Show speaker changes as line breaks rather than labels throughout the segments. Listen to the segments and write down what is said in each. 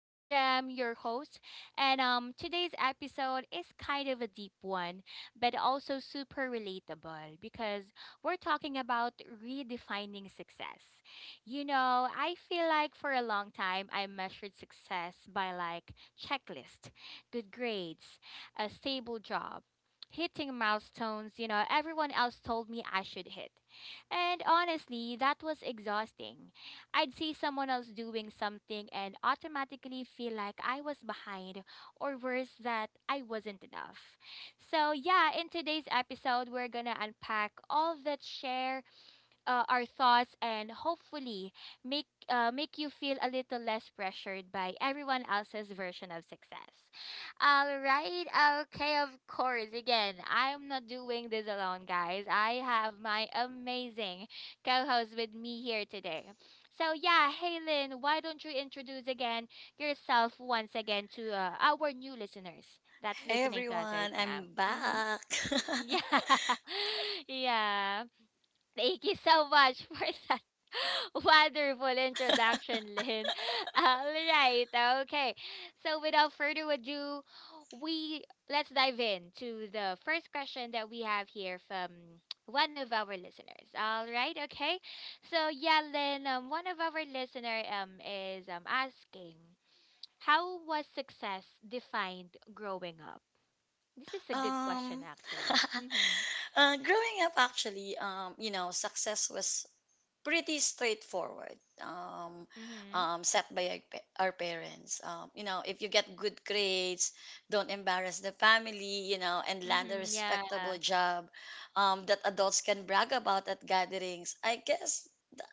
I'm Jam, your host, and today's episode is kind of a deep one, but also super relatable because we're talking about redefining success. You know, I feel like for a long time I measured success by like checklist, good grades, a stable job hitting milestones, you know, everyone else told me I should hit. And honestly, that was exhausting. I'd see someone else doing something and automatically feel like I was behind, or worse, that I wasn't enough. So, yeah, in today's episode, we're gonna unpack all that share our thoughts and hopefully make make you feel a little less pressured by everyone else's version of success. All right. Okay, of course. Again, I'm not doing this alone, guys. I have my amazing co-host with me here today. So, yeah, hey Lynn, why don't you introduce again yourself once again to our new listeners that's
Hey
listening to us right
everyone,
now?
I'm
Mhm.
back.
Yeah. Yeah. Thank you so much for that wonderful introduction, Lynn. All right, okay. So without further ado, we let's dive in to the first question that we have here from one of our listeners. All right, okay. So yeah, Lynn, one of our listener is asking, how was success defined growing up? This is a good question,
um,
actually. Mm-hmm.
growing up, actually, you know, success was pretty straightforward. Um,
Mm-hmm.
Set by our parents. You know, if you get good grades, don't embarrass the family. You know, and land a
Mm-hmm. Yeah.
respectable job, that adults can brag about at gatherings. I guess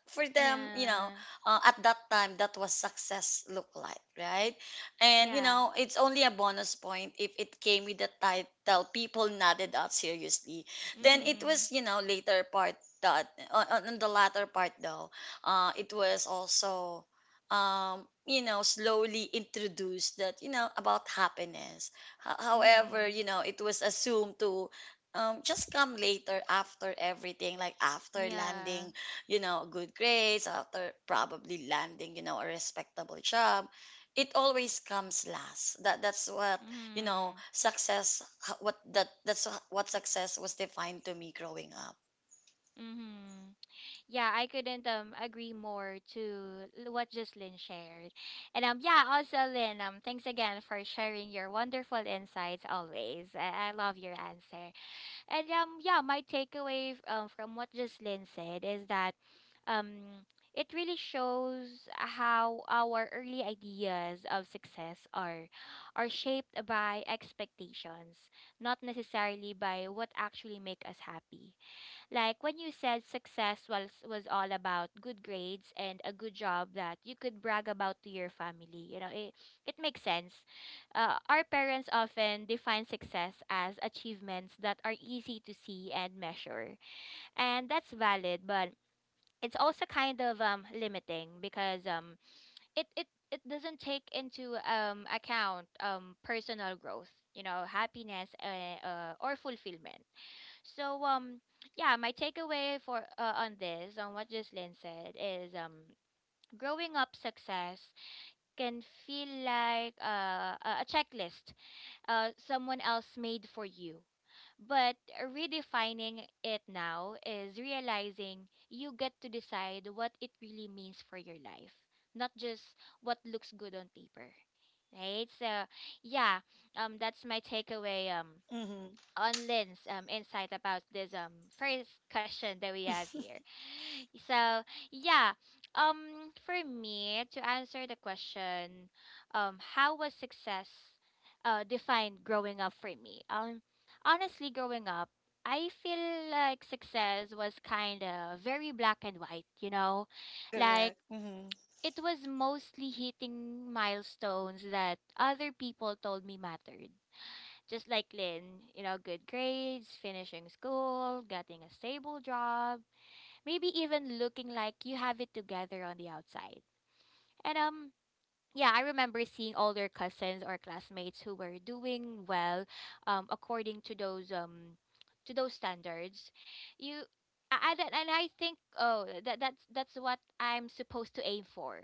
for them, you know,
Yeah.
at that time, that was success look like, right? And, you
Yeah.
know, it's only a bonus point if it came with the title, people nodded out seriously. Then it
Mhm.
was, you know, later part that, on the latter part though, it was also, you know, slowly introduced that, you know, about happiness. However,
Mhm.
you know, it was assumed to, just come later after everything, like after
Yeah.
landing, you know, good grades, after probably landing, you know, a respectable job, it always comes last. That's what, you know,
Mhm.
success. What that that's what success was defined to me growing up.
Mhm. Yeah, I couldn't agree more to what Jocelyn shared. And yeah, also Lynn, thanks again for sharing your wonderful insights always. I love your answer. And yeah, my takeaway from what Jocelyn said is that um it really shows how our early ideas of success are shaped by expectations, not necessarily by what actually make us happy. Like when you said success was all about good grades and a good job that you could brag about to your family. You know, it makes sense. Our parents often define success as achievements that are easy to see and measure, and that's valid. But it's also kind of limiting because it doesn't take into account personal growth, you know, happiness or fulfillment. So yeah, my takeaway for on this on what Jocelyn said is growing up success can feel like a checklist someone else made for you. But redefining it now is realizing you get to decide what it really means for your life, not just what looks good on paper. Right? So yeah, that's my takeaway
Mm-hmm.
on Lynn's insight about this first question that we have here. So yeah, for me to answer the question, how was success defined growing up for me? Honestly, growing up, I feel like success was kind of very black and white. You know, like
Correct. Mm-hmm.
it was mostly hitting milestones that other people told me mattered just like Lynn, you know, good grades, finishing school, getting a stable job, maybe even looking like you have it together on the outside. And yeah, I remember seeing older cousins or classmates who were doing well according to those standards. You and I think, oh, that's what I'm supposed to aim for.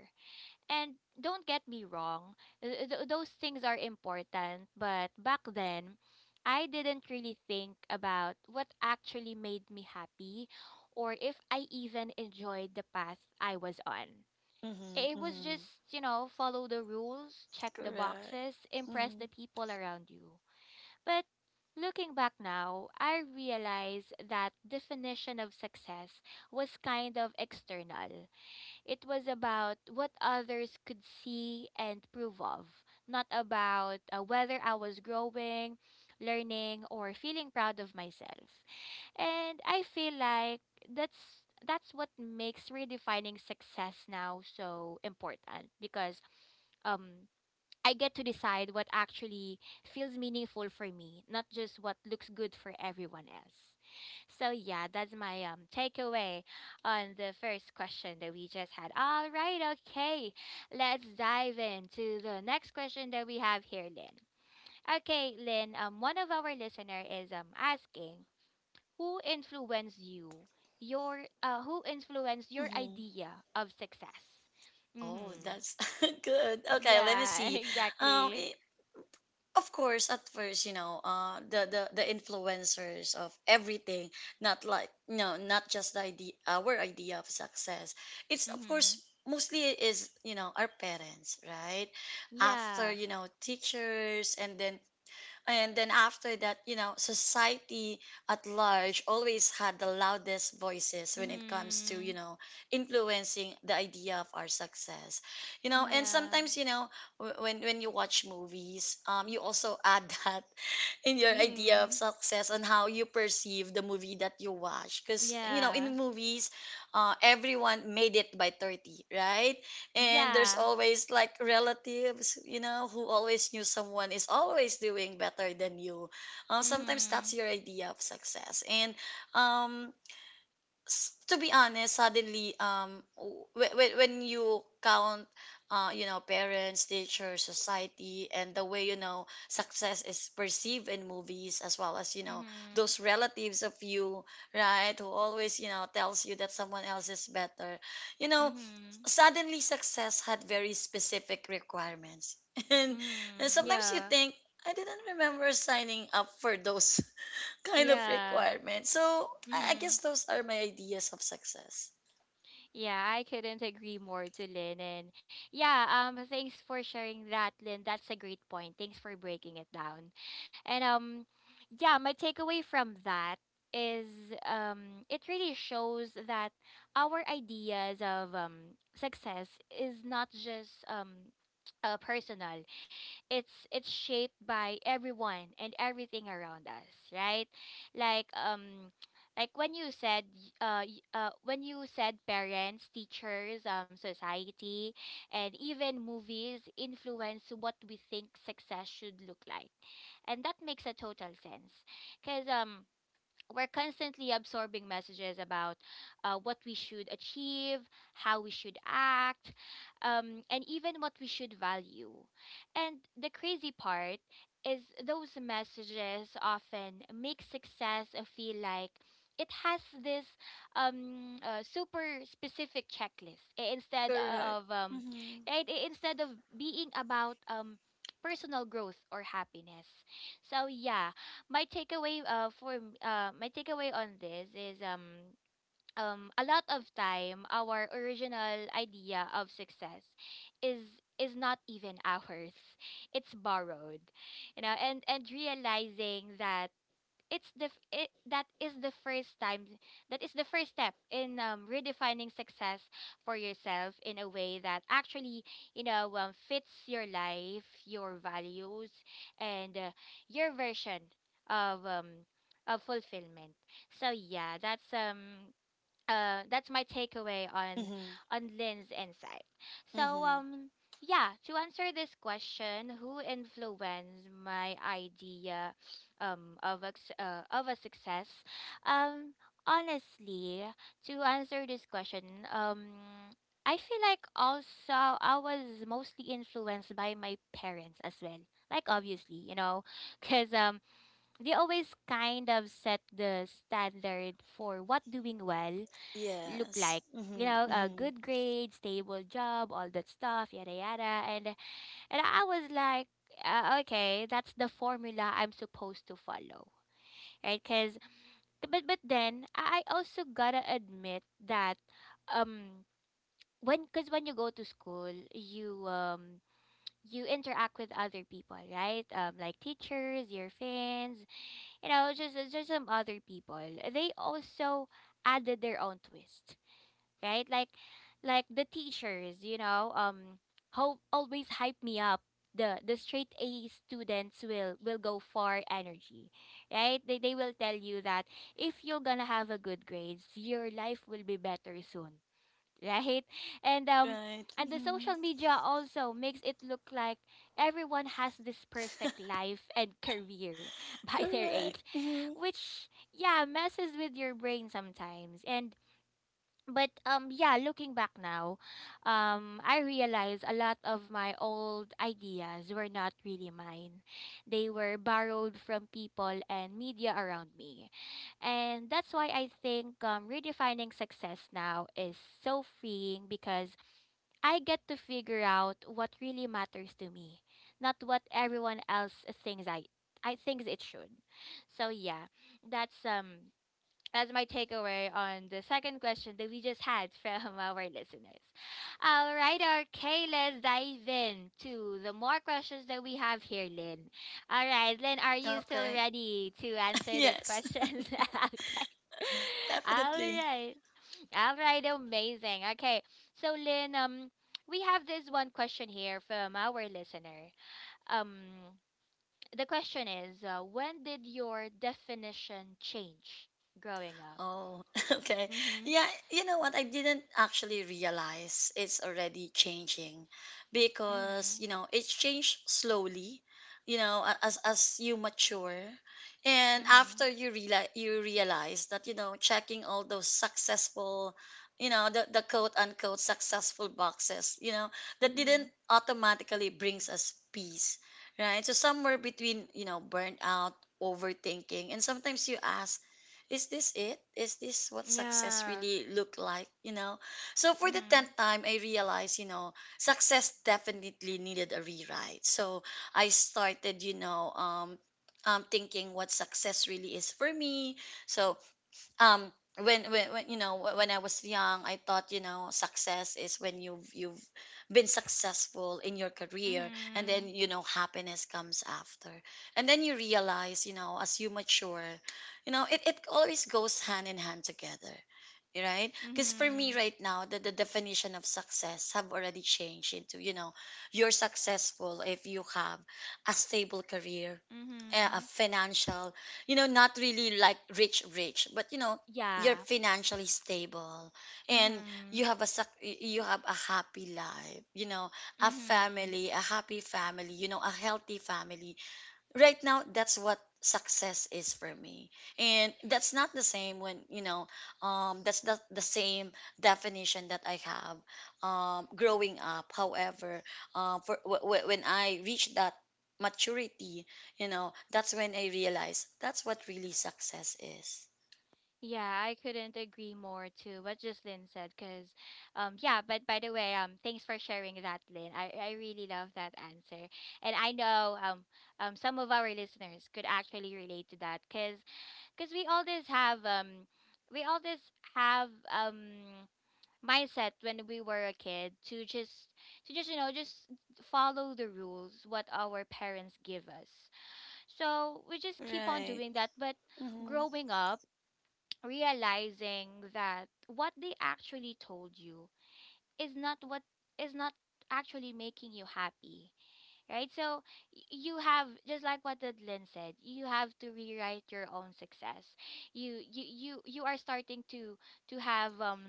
And don't get me wrong, those things are important, but back then, I didn't really think about what actually made me happy or if I even enjoyed the path I was on.
Mm-hmm.
It was just,
Mm-hmm.
you know, follow the rules, check the
Correct.
boxes, impress the
Mm-hmm.
people around you. But looking back now, I realize that definition of success was kind of external. It was about what others could see and prove of, not about whether I was growing, learning, or feeling proud of myself. And I feel like that's what makes redefining success now so important because um I get to decide what actually feels meaningful for me, not just what looks good for everyone else. So yeah, that's my takeaway on the first question that we just had. All right, okay. Let's dive into the next question that we have here, Lynn. Okay, Lynn, one of our listener is asking, who influenced you? Your who influenced your
Mm-hmm.
idea of success?
Oh,
Mhm.
that's good. Okay, let me
Yeah,
see. Um,
exactly.
i- of course, at first, you know, the influencers of everything, not like no, not just the idea, our idea of success, it's of course
Mhm.
mostly, it is, you know, our parents, right? After,
Yeah.
you know, teachers, and then after that, you know, society at large always had the loudest voices when it comes to, you
Mm-hmm.
know, influencing the idea of our success. You know, and
Yeah.
sometimes, you know, when you watch movies, you also add that in your idea of
Mm-hmm.
success on how you perceive the movie that you watch, because you know,
Yeah.
in movies, everyone made it by 30, right? And there's
Yeah.
always like relatives, you know, who always knew someone is always doing better than you. Sometimes that's
Mm-hmm.
your idea of success. And um to be honest, suddenly, when you count, you know, parents, teachers, society, and the way, you know, success is perceived in movies, as well as, you know,
Mm-hmm.
those relatives of you, right, who always, you know, tells you that someone else is better, you know,
Mm-hmm.
suddenly success had very specific requirements. And, and
Mm-hmm.
sometimes you
Yeah.
think, I didn't remember signing up for those kind of
Yeah.
requirement. So I
Mm-hmm.
guess those are my ideas of success.
Yeah, I couldn't agree more to Lynn. And yeah, thanks for sharing that, Lynn. That's a great point. Thanks for breaking it down. And yeah, my takeaway from that is it really shows that our ideas of success is not just personal. It's shaped by everyone and everything around us, right? Like like when you said when you said parents, teachers, society, and even movies influence what we think success should look like, and that makes a total sense because we're constantly absorbing messages about what we should achieve, how we should act, and even what we should value. And the crazy part is those messages often make success feel like it has this super specific checklist,
Correct. Mhm.
instead of being about personal growth or happiness. So yeah, my takeaway my takeaway on this is a lot of time our original idea of success is is not even ours. It's borrowed, you know. And realizing that, it's the f- it, that is the first step in redefining success for yourself in a way that actually, you know, fits your life, your values, and your version of um of fulfillment. So yeah, that's my takeaway
Mhm.
on Lynn's insight. So
Mhm.
yeah, to answer this question, who influenced my idea of a success? Um honestly, to answer this question, um I feel like also I was mostly influenced by my parents as well. Like obviously, you know, cuz they always kind of set the standard for what doing well look
Yes.
like, you
Mhm.
know, a
Mhm.
good grade, stable job, all that stuff, yada yada. And I was like okay, that's the formula I'm supposed to follow, right? Because but then I also gotta admit that um when, because when you go to school, you you interact with other people, right? Like teachers, your fans, you know, just some other people. They also added their own twist, right? Like the teachers, you know, how always hype me up. The straight A students will go far energy, right? They will tell you that if you're gonna have a good grades, your life will be better soon, right? And um
Right.
and the
Mhm.
social media also makes it look like everyone has this perfect life and career by their age,
Correct. Mhm.
which yeah messes with your brain sometimes. And but yeah, looking back now, I realize a lot of my old ideas were not really mine. They were borrowed from people and media around me. And that's why I think redefining success now is so freeing because I get to figure out what really matters to me, not what everyone else thinks I thinks it should. So yeah, that's um that's my takeaway on the second question that we just had from our listeners. All right, okay, let's dive in to the more questions that we have here, Lynn. All right, Lynn, are you still
Okay.
ready to answer these
Yes.
questions? Okay. All
Definitely.
right. All right, amazing. Okay, so Lynn, we have this one question here from our listener. Um, the question is, when did your definition change growing up?
Oh, okay.
Mhm.
Yeah, you know what? I didn't actually realize it's already changing because,
Mhm.
you know, it's changed slowly, you know, as you mature. And
Mhm.
after you realize, you realize that, you know, checking all those successful, you know, the quote unquote successful boxes, you know, that
Mhm.
didn't automatically brings us peace, right? So somewhere between, you know, burnout, overthinking, and sometimes you ask, is this it? Is this what success
Yeah.
really look like? You know? So for the
Mhm.
tenth time I realized, you know, success definitely needed a rewrite. So I started, you know, thinking what success really is for me. So um when when you know, when I was young, I thought, you know, success is when you've been successful in your career, and
Mhm.
then you know, happiness comes after, and then you realize, you know, as you mature, you know, it always goes hand in hand together, right? Because for me
Mhm.
right now, the definition of success have already changed into, you know, you're successful if you have a stable career, a
Mhm.
financial, you know, not really like rich rich, but you know,
Yeah.
you're financially stable, and
Mhm.
you have a suc- you have a happy life, you know, a
Mhm.
family, a happy family, you know, a healthy family. Right now that's what success is for me, and that's not the same when, you know, that's not the same definition that I have growing up. However, when I reach that maturity, you know, that's when I realize that's what really success is.
Yeah, I couldn't agree more to what Jocelyn said because yeah, but by the way, thanks for sharing that, Lynn. I really love that answer. And I know some of our listeners could actually relate to that, because we all this have we all this have mindset when we were a kid to just you know just follow the rules what our parents give us, so we just keep on
Right.
doing that. But
Mm-hmm.
growing up, realizing that what they actually told you is not what is not actually making you happy, right? So you have, just like what Lynn said, you have to rewrite your own success. You are starting to have um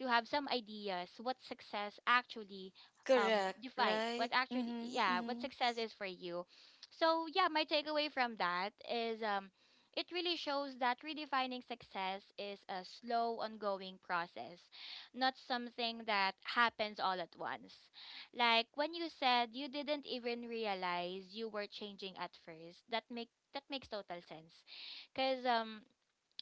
to have some ideas what success actually
Correct.
define what
Right.
actually,
Mm-hmm.
yeah, what
Mm-hmm.
success is for you. So yeah, my takeaway from that is it really shows that redefining success is a slow, ongoing process, not something that happens all at once. Like when you said you didn't even realize you were changing at first. That makes total sense. Cuz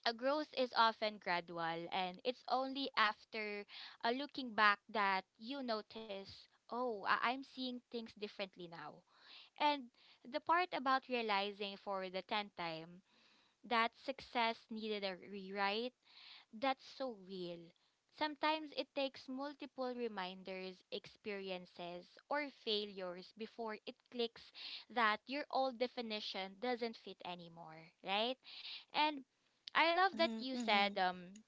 a growth is often gradual, and it's only after looking back that you notice, "Oh, I'm seeing things differently now." And the part about realizing for the 10th time that success needed a rewrite, that's so real. Sometimes it takes multiple reminders, experiences, or failures before it clicks that your old definition doesn't fit anymore, right? And I love that
Mm-hmm.
you
Mm-hmm.
said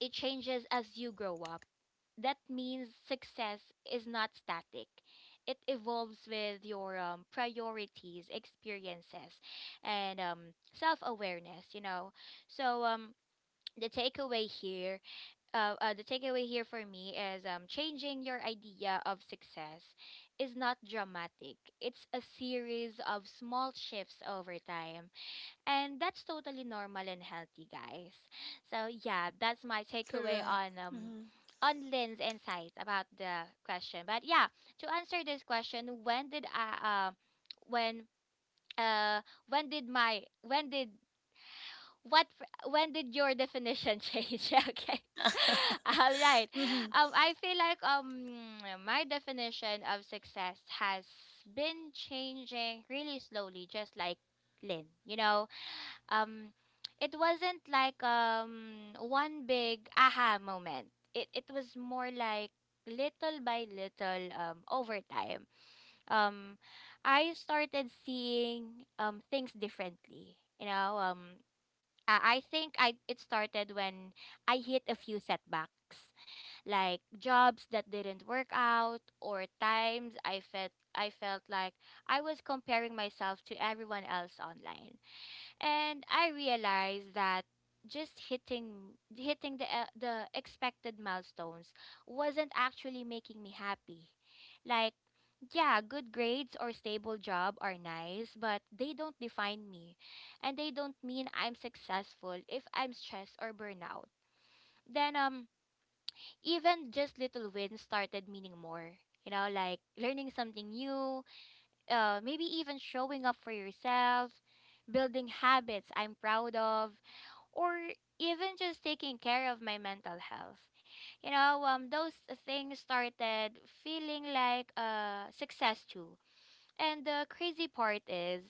it changes as you grow up. That means success is not static. It evolves with your priorities, experiences, and self awareness, you know. So, the takeaway here the takeaway here for me is changing your idea of success is not dramatic. It's a series of small shifts over time. And that's totally normal and healthy, guys. So, yeah, that's my takeaway
Correct. Mm-hmm.
on Lynn's insight about the question. But yeah, to answer this question, when, uh, when did my, when did when did your definition change? Yeah, okay. All right.
Mm-hmm.
I feel like my definition of success has been changing really slowly, just like Lynn. You know, um, it wasn't like one big aha moment. It was more like little by little, over time. Um, I started seeing things differently. You know, I think I it started when I hit a few setbacks, like jobs that didn't work out, or times I felt like I was comparing myself to everyone else online, and I realized that just hitting the expected milestones wasn't actually making me happy. Like, yeah, good grades or stable job are nice, but they don't define me, and they don't mean I'm successful if I'm stressed or burnout. Then, even just little wins started meaning more. You know, like learning something new, maybe even showing up for yourself, building habits I'm proud of, or even just taking care of my mental health. You know, those things started feeling like a success too. And the crazy part is,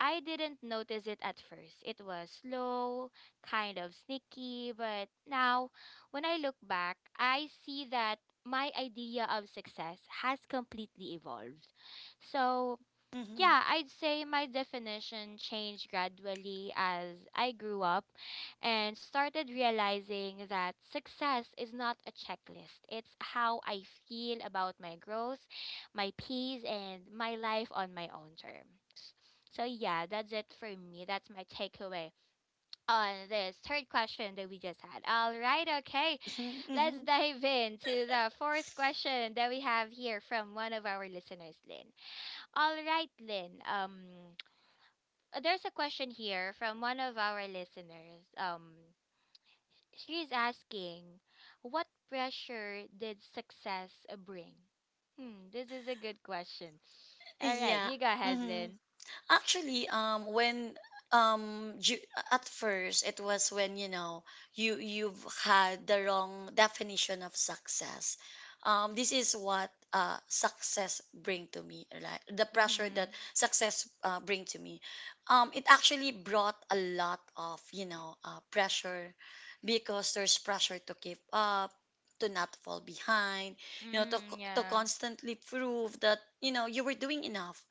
I didn't notice it at first. It was slow, kind of sneaky, but now when I look back, I see that my idea of success has completely evolved. So,
Mm-hmm.
yeah, I'd say my definition changed gradually as I grew up, and started realizing that success is not a checklist. It's how I feel about my growth, my peace, and my life on my own terms. So, yeah, that's it for me. That's my takeaway on this third question that we just had. All right, okay, let's
Mm-hmm.
dive into the fourth question that we have here from one of our listeners, Lynn. All right, Lynn. There's a question here from one of our listeners. She's asking, what pressure did success bring? Hmm, this is a good question. All right,
Yeah.
you go ahead,
Mm-hmm.
Lynn.
Actually, um, ju- at first it was when, you know, you you've had the wrong definition of success. This is what success bring to me, right? The pressure that
Mm-hmm.
success bring to me. It actually brought a lot of, you know, pressure, because there's pressure to keep up, to not fall behind, you know,
Mm,
to
yeah.
constantly prove that, you know, you were doing enough,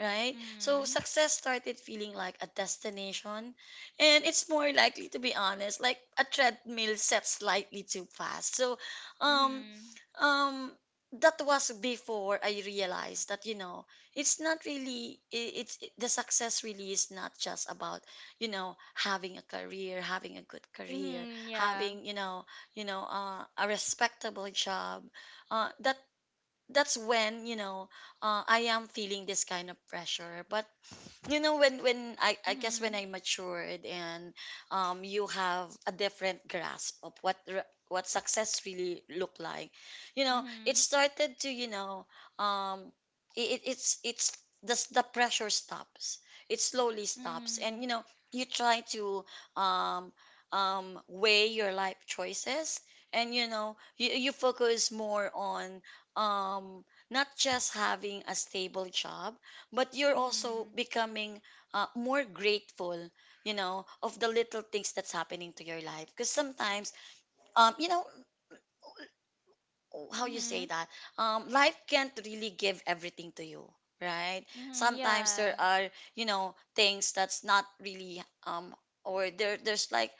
right? So
Mm-hmm.
success started feeling like a destination, and it's more likely, to be honest, like a treadmill set slightly too fast. So, um,
Mm-hmm.
um, that was before I realized that, you know, it's not really, the success really is not just about, you know, having a career, having a good career,
Mm-hmm, yeah.
having, you know, a respectable job. Uh, that that's when, you know, I am feeling this kind of pressure. But you know, when I guess when
Mm-hmm.
I matured, and you have a different grasp of what success really look like, you know, it
Mm-hmm.
started to, you know, um it, it's the, s- the pressure stops, it slowly stops, and
Mm-hmm.
you know, you try to um weigh your life choices, and you know, you focus more on um not just having a stable job, but you're also
Mm-hmm.
becoming more grateful, you know, of the little things that's happening to your life, because sometimes, you know, how you
Mm-hmm.
say that life can't really give everything to you, right?
Mm-hmm.
Sometimes there
Yeah.
are, you know, things that's not really, or there there's like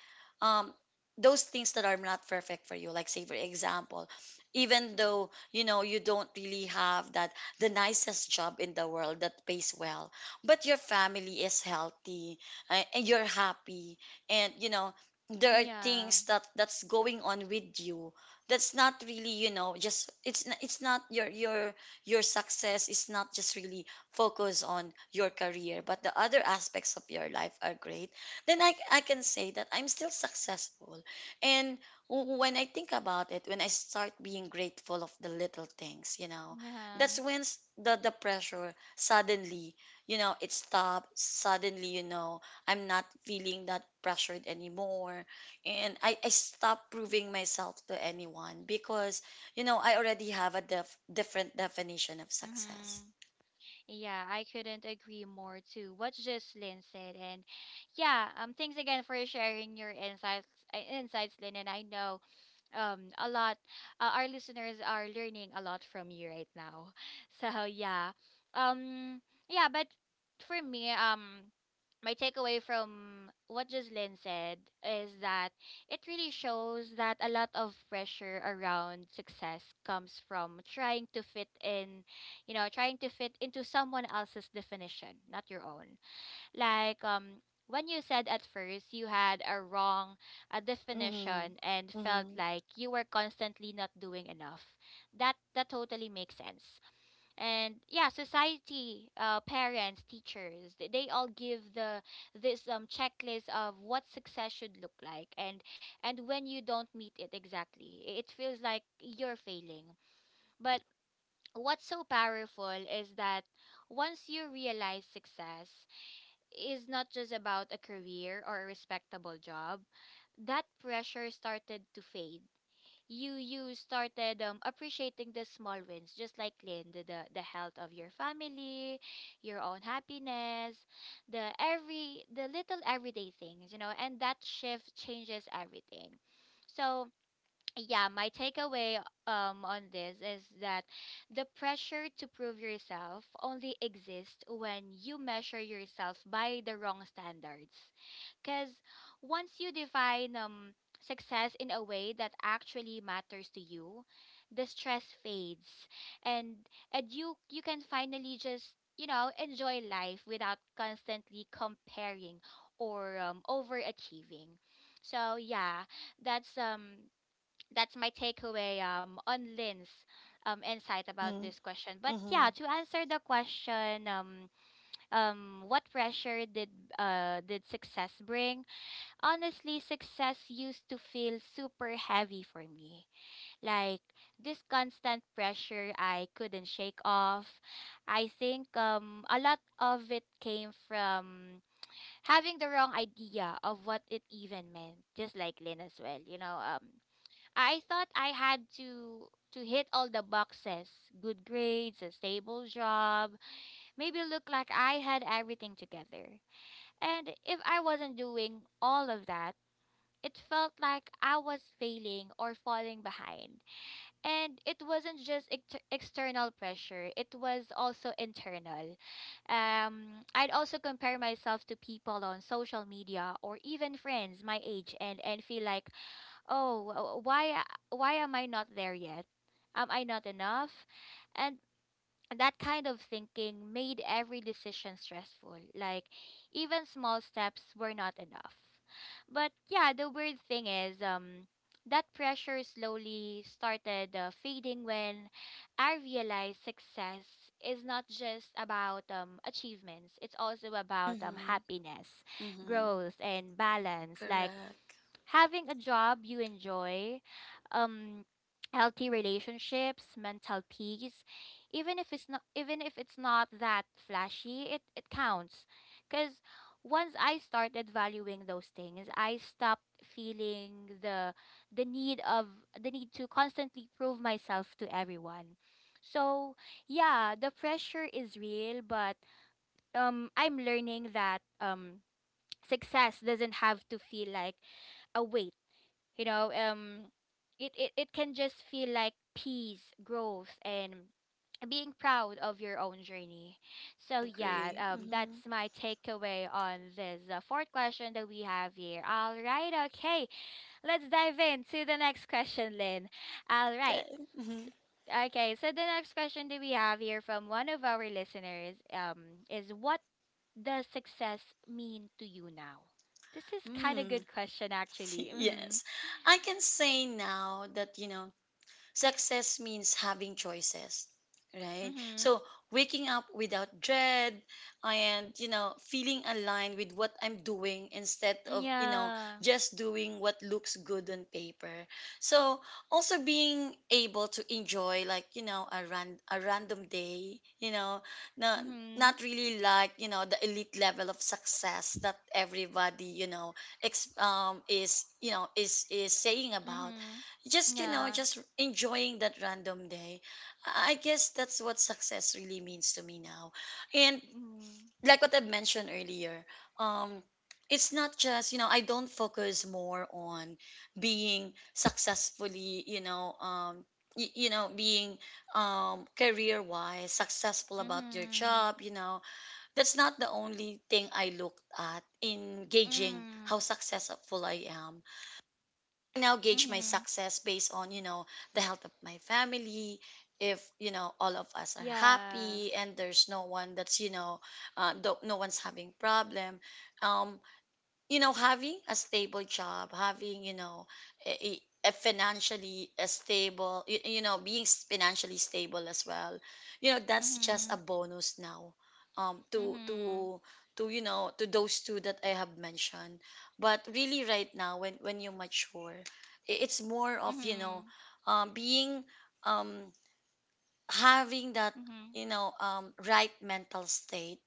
um those things that are not perfect for you, like say for example, even though, you know, you don't really have that the nicest job in the world that pays well, but your family is healthy, and you're happy, and you know, there
Mm,
are
yeah.
things that that's going on with you that's not really, you know, it's not your success is not just really focused on your career, but the other aspects of your life are great, then I can say that I'm still successful. And when I think about it, when I start being grateful of the little things, you know,
Yeah.
that's when the the pressure suddenly, you know, it stopped suddenly, you know, I'm not feeling that pressured anymore, and I stopped proving myself to anyone, because you know, I already have a different definition of success.
Mm-hmm. Yeah, I couldn't agree more to what Jocelyn said. And yeah, thanks again for sharing your insights, Lynn. And I know a lot our listeners are learning a lot from you right now. So yeah, um yeah, but for me, my takeaway from what Jocelyn said is that it really shows that a lot of pressure around success comes from trying to fit in, you know, trying to fit into someone else's definition, not your own. Like, when you said at first you had a
Mm-hmm.
definition and felt
Mm-hmm.
like you were constantly not doing enough. That totally makes sense. And yeah, society, parents, teachers, they all give the this checklist of what success should look like, and when you don't meet it exactly, it feels like you're failing. But what's so powerful is that once you realize success is not just about a career or a respectable job, that pressure started to fade. You started appreciating the small wins, just like Lynn: the health of your family, your own happiness, the little everyday things, you know, and that shift changes everything. So yeah, my takeaway on this is that the pressure to prove yourself only exists when you measure yourself by the wrong standards. Cuz once you define success in a way that actually matters to you, the stress fades, and you can finally just, you know, enjoy life without constantly comparing or overachieving. So, yeah, that's um that's my takeaway on Lynn's insight about
Mm-hmm.
this question. But
Mm-hmm.
yeah, to answer the question, what pressure did success bring? Honestly, success used to feel super heavy for me. Like this constant pressure I couldn't shake off. I think a lot of it came from having the wrong idea of what it even meant, just like Lynn as well, you know. I thought I had to hit all the boxes: good grades, a stable job, maybe look like I had everything together. And if I wasn't doing all of that, it felt like I was failing or falling behind. And it wasn't just external pressure, it was also internal. I'd also compare myself to people on social media or even friends my age, and feel like, oh, why am I not there yet? Am I not enough? And that kind of thinking made every decision stressful, like even small steps were not enough. But yeah, the weird thing is, that pressure slowly started fading when I realized success is not just about achievements, it's also about
Mm-hmm.
happiness,
Mm-hmm.
growth, and balance, like
Correct.
having a job you enjoy, um, healthy relationships, mental peace. Even if it's not that flashy, it counts. Cause once I started valuing those things, I stopped feeling the need of the need to constantly prove myself to everyone. So yeah, the pressure is real, but I'm learning that success doesn't have to feel like a weight. you know um it can just feel like peace, growth, and being proud of your own journey. So yeah,
Agree.
that's
Mm-hmm.
my takeaway on this fourth question that we have here. All right, okay, let's dive into the next question, Lynn. All
Yeah.
right.
Mm-hmm.
Okay, so the next question that we have here from one of our listeners is, what does success mean to you now? This is kind of
Mm.
good question, actually. Mm-hmm.
Yes. I can say now that, you know, success means having choices, right?
Mm-hmm.
So waking up without dread, and you know, feeling aligned with what I'm doing, instead of, you know,
Yeah.
just doing what looks good on paper. So also being able to enjoy, like, you know, a random day, you know, not
Mhm.
not really like, you know, the elite level of success that everybody, you know, is, you know, is saying about,
Mhm.
just you know,
Yeah.
just enjoying that random day. I guess that's what success really means to me now. And
Mhm.
like what I mentioned earlier, um it's not just, you know, I don't focus more on being successfully, you know, you know, being career wise successful about your
Mhm.
job, you know, that's not the only thing I looked at in gauging how
Mhm.
successful I am. I now gauge my
Mhm.
success based on, you know, the health of my family. If, you know, all of us are
Yeah.
happy and there's no one that's, you know, do no one's having problem. Um, you know, having a stable job, having, you know, a, a a financially a stable, you know, being financially stable as well, you know, that's just a
Mhm.
bonus now um to
Mhm.
to to, you know, to those two that I have mentioned. But really right now, when you mature, it's more of, you know,
Mhm.
being um having that,
Mhm.
you know, right mental state,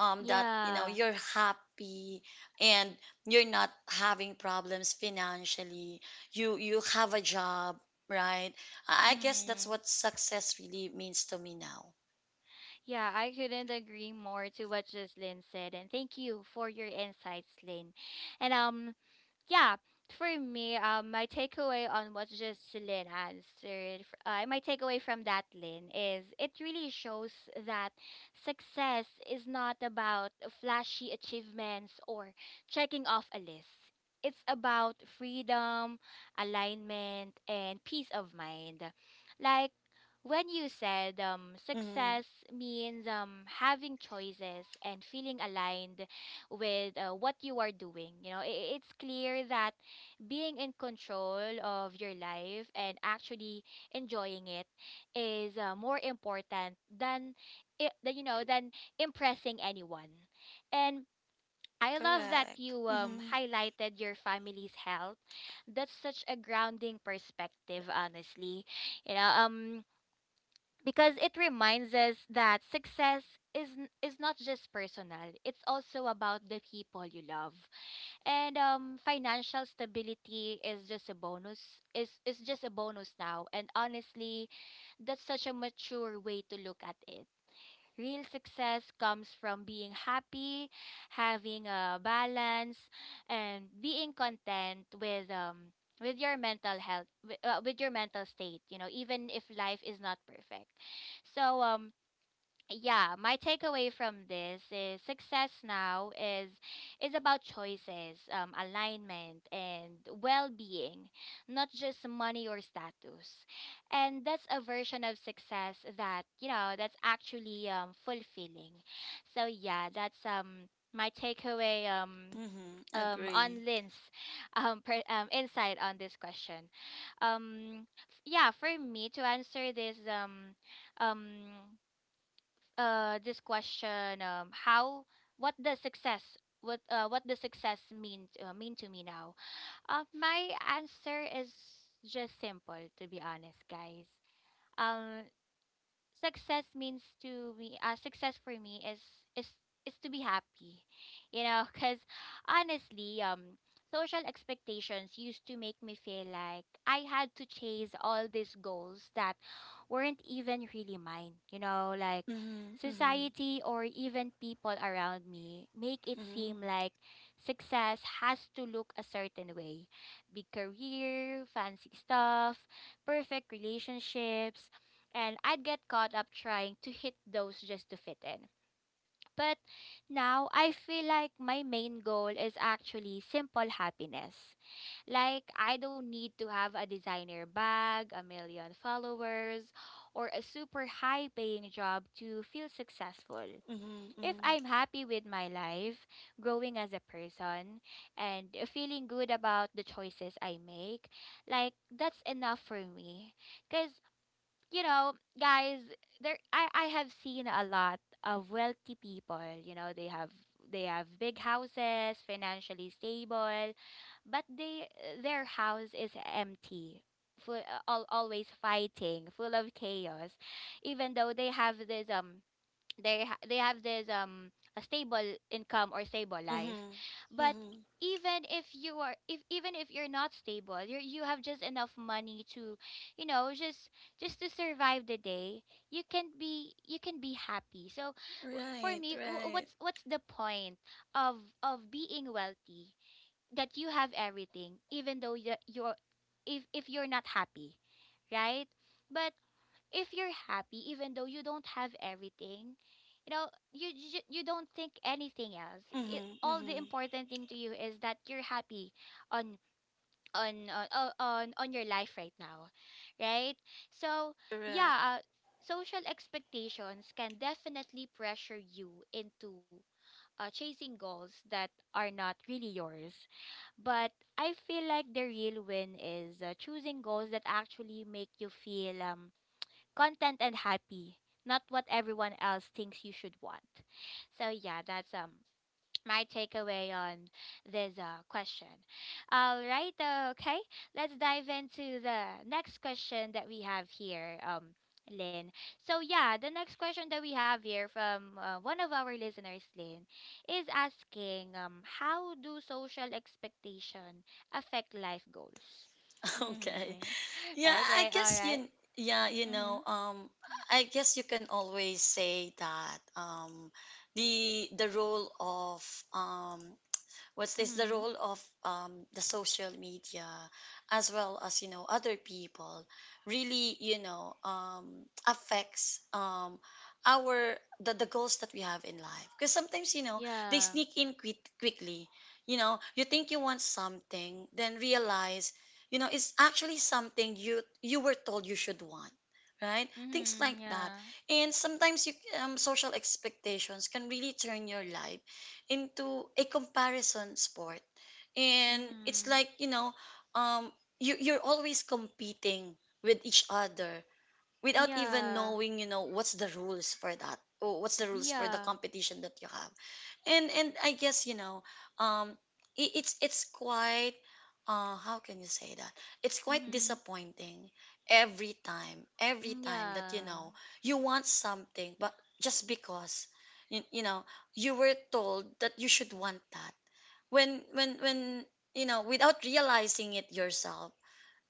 that you know,
Yeah.
you're happy, and you're not having problems financially, you have a job, right? I guess that's
Mhm.
what success really means to me now.
Yeah, I couldn't agree more to what Jocelyn said, and thank you for your insights, Lynn. And yeah, for me, my takeaway on what just Lynn answered, my takeaway from that, Lynn, is it really shows that success is not about flashy achievements or checking off a list. It's about freedom, alignment, and peace of mind. Like when you said,
Mm-hmm.
success means having choices and feeling aligned with, what you are doing. You know, it's clear that being in control of your life and actually enjoying it is, more important than, I- than you know than impressing anyone. And I love that
Correct.
you
Mm-hmm.
highlighted your family's health. That's such a grounding perspective, honestly. You know, because it reminds us that success is not just personal, it's also about the people you love. And financial stability is just a bonus, now, and honestly, that's such a mature way to look at it. Real success comes from being happy, having a balance, and being content with with your mental health, with your mental state. You know, even if life is not perfect. So yeah, my takeaway from this is success now is about choices, alignment and well-being, not just money or status. And that's a version of success that that's actually fulfilling. So yeah, that's my takeaway
Mm-hmm. Agree.
on Lynn's insight on this question. Yeah, for me to answer this um this question, how— what does success— what does success mean to me now? My answer is just simple, to be honest, guys. um Success means to me— success for me is— is is to be happy, you know, because honestly, social expectations used to make me feel like I had to chase all these goals that weren't even really mine, you know, like
Mm-hmm. Mm-hmm.
society or even people around me make it
Mm-hmm.
seem like success has to look a certain way: big career, fancy stuff, perfect relationships, and I'd get caught up trying to hit those just to fit in. But now I feel like my main goal is actually simple happiness. Like, I don't need to have a designer bag, a million followers, or a super high paying job to feel successful. If
Mm-hmm.
I'm happy with my life, growing as a person, and feeling good about the choices I make, like, that's enough for me. Because, you know, guys, there I have seen a lot of wealthy people, you know, they have— they have big houses, financially stable, but they— their house is empty. Full, al always fighting, full of chaos, even though they have this they they have this a stable income or stable
Mm-hmm.
life.
Mm-hmm.
But
Mm-hmm.
even if you are— if even if you're not stable, you have just enough money to, you know, just— just to survive the day, you can be— you can be happy. So for
Right.
me,
Right.
what's— what's the point of— of being wealthy, that you have everything, even though you're— if— if you're not happy, right? But if you're happy even though you don't have everything, you know, you don't think anything else, it—
Mm-hmm.
all the
Mm-hmm.
important thing to you is that you're happy on— on— on your life right now, right? So
Correct.
yeah, social expectations can definitely pressure you into chasing goals that are not really yours. But I feel like the real win is choosing goals that actually make you feel content and happy, not what everyone else thinks you should want. So yeah, that's my takeaway on this question. All right, okay, let's dive into the next question that we have here. Lynn. So yeah, the next question that we have here from one of our listeners, Lynn, is asking, how do social expectation affect life goals?
Okay.
Mm-hmm.
Yeah, I
Okay, all
guess
right.
you yeah, you know, um I guess you can always say that the role of um what's this the
Mm-hmm.
role of the social media as well as other people really affects our the goals that we have in life because sometimes they
Yeah.
sneak in quickly. You know, you think you want something then realize, you know, it's actually something you were told you should want, right? Things like
Mhm.
that.
Yeah.
And sometimes you, social expectations can really turn your life into a comparison sport. And it's
Mhm.
like, you know, um you're always competing with each other without even
Yeah.
knowing, you know, what's the rules for that or what's the rules for the
Yeah.
competition that you have. And I guess, you know, um it's quite how can you say that, it's quite
Mhm.
disappointing every time that, you
Yeah.
know, you want something but just because you know, you were told that you should want that when, you know, without realizing it yourself,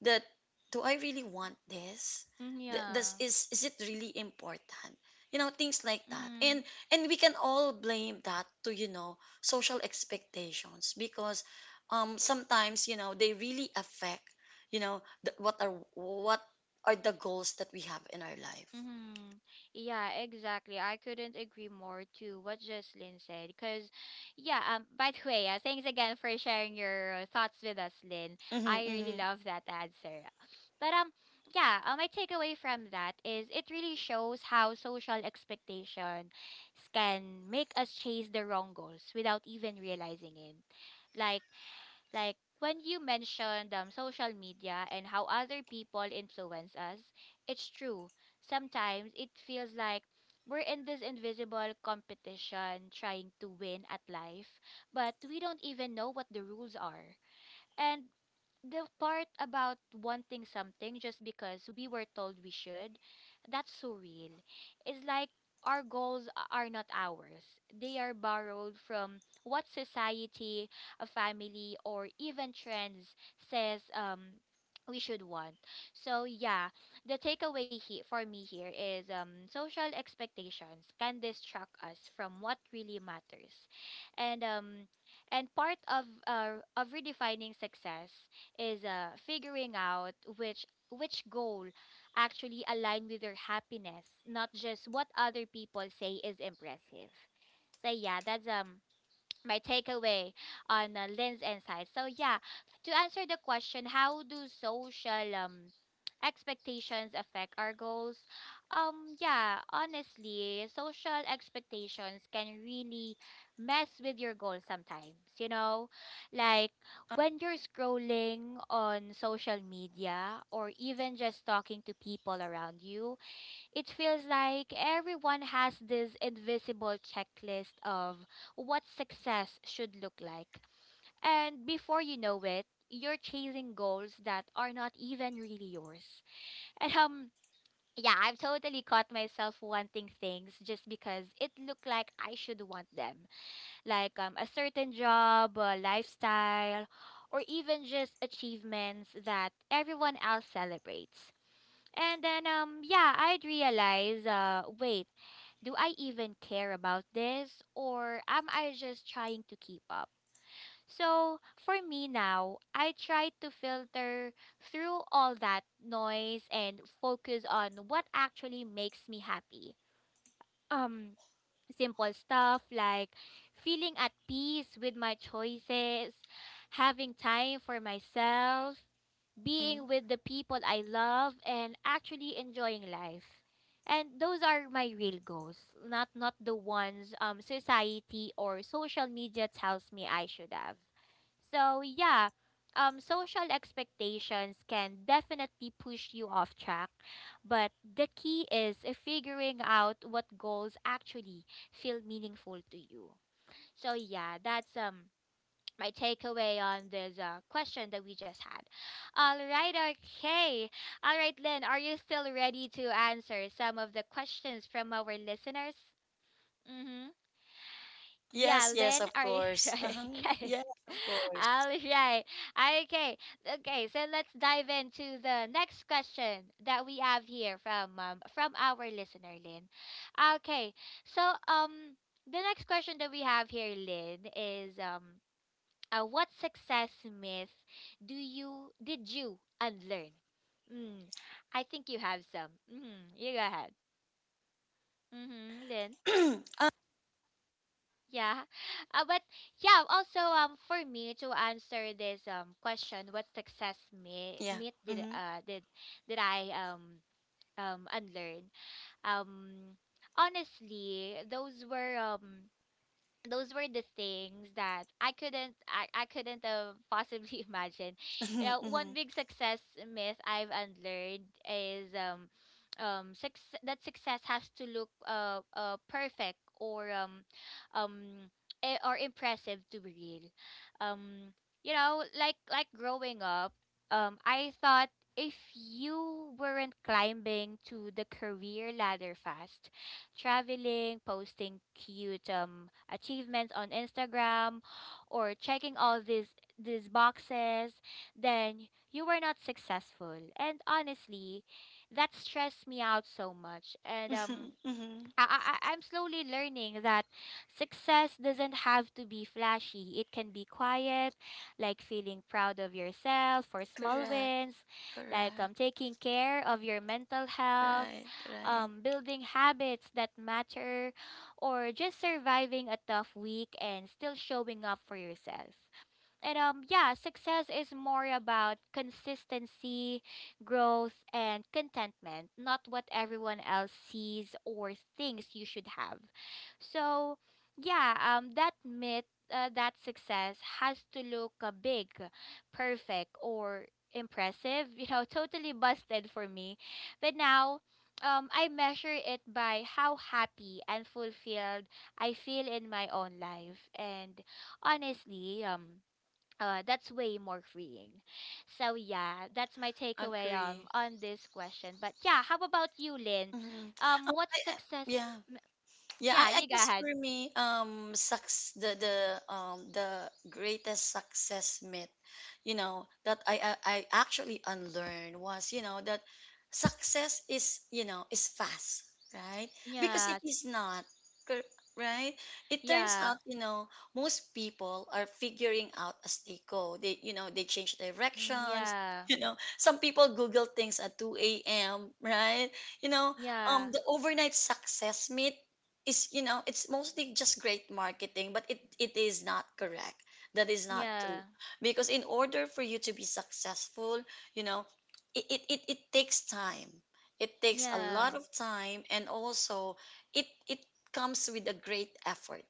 that do I really want this?
Mhm.
Does
Yeah.
is it really important? You know, things like that.
Mhm.
And we can all blame that to, you know, social expectations because sometimes, you know, they really affect, you know, what are the goals that we have in our life.
Mm-hmm. Yeah, exactly. I couldn't agree more to what Jocelyn said. Because, yeah, by the way, thanks again for sharing your thoughts with us, Lynn. I
Mm-hmm,
really
mm-hmm.
love that answer. But, yeah, my takeaway from that is it really shows how social expectations can make us chase the wrong goals without even realizing it. Like, like when you mentioned social media and how other people influence us, it's true. Sometimes it feels like we're in this invisible competition trying to win at life, but we don't even know what the rules are. And the part about wanting something just because we were told we should, that's so real. It's like our goals are not ours. They are borrowed from what society, a family, or even trends says we should want. So yeah, the takeaway for me here is social expectations can distract us from what really matters. And part of redefining success is figuring out which— which goal actually align with your happiness, not just what other people say is impressive. So yeah, that's my takeaway on Lynn's insight. So yeah, to answer the question, how do social expectations affect our goals? Yeah, honestly, social expectations can really mess with your goals sometimes, you know? Like when you're scrolling on social media or even just talking to people around you, it feels like everyone has this invisible checklist of what success should look like. And before you know it, you're chasing goals that are not even really yours. And yeah, I've totally caught myself wanting things just because it looked like I should want them. Like a certain job, a lifestyle, or even just achievements that everyone else celebrates. And then yeah, I'd realize— wait, do I even care about this or am I just trying to keep up? So for me now, I try to filter through all that noise and focus on what actually makes me happy. Um simple stuff like feeling at peace with my choices, having time for myself,
Mm.
being with the people I love, and actually enjoying life. And those are my real goals, not the ones society or social media tells me I should have. So yeah, social expectations can definitely push you off track, but the key is figuring out what goals actually feel meaningful to you. So yeah, that's my takeaway on this question that we just had. All right, okay. All right, Lynn, are you still ready to answer some of the questions from our listeners? Mm-hmm. Yeah,
Yes, yes,
Lynn,
of
are you
course. Uh-huh.
okay?
Yes, of course.
All right. Okay. Okay, so let's dive into the next question that we have here from our listener, Lynn. Okay. So, um the next question that we have here, Lynn, is what success myth do you did you unlearn? Mm, I think you have some. Mm, you go ahead. Mm-hmm, Lynn.
uh,
Yeah. But yeah, also for me to answer this question, what success myth,
yeah.
did
Mm-hmm.
I unlearn? Um honestly, those were the things that I couldn't have possibly imagine. You know, one big success myth I've unlearned is success has to look perfect um or impressive to be real. Um you know, like— like growing up, I thought if you weren't climbing to the career ladder fast, traveling, posting cute achievements on Instagram, or checking all these boxes, then you were not successful. And honestly, that stressed me out so much. And
Mm-hmm. Mm-hmm.
I, I, I'm slowly learning that success doesn't have to be flashy. It can be quiet, like feeling proud of yourself for small
Correct.
wins, like
Correct.
taking care of your mental health,
Right, right.
building habits that matter, or just surviving a tough week and still showing up for yourself. And yeah, success is more about consistency, growth and contentment, not what everyone else sees or thinks you should have. So, yeah, that myth that success has to look big, perfect or impressive, you know, totally busted for me. But now I measure it by how happy and fulfilled I feel in my own life. And honestly, that's way more freeing. So yeah, that's my takeaway
Agree.
on this question. But yeah, how about you, Lynn?
Mhm. Oh,
What's success?
yeah.
m-
Yeah,
Yeah,
I
you go
guess
ahead.
for me, sucks the the greatest success myth, you know, that I actually unlearned was, you know, that success is, you know, is fast, right? Because
Yeah,
it is not, cor- right? It turns
yeah,
out, you know, most people are figuring out as they go. They, you know, they change
mm,
directions.
yeah,
You know, some people Google things at 2 a.m., right? You know,
yeah,
the overnight success myth is, you know, it's mostly just great marketing, but it is not correct, that is not
yeah,
true. Because in order for you to be successful, you know, it takes time, it takes a
yeah,
lot of time. And also it comes with a great effort.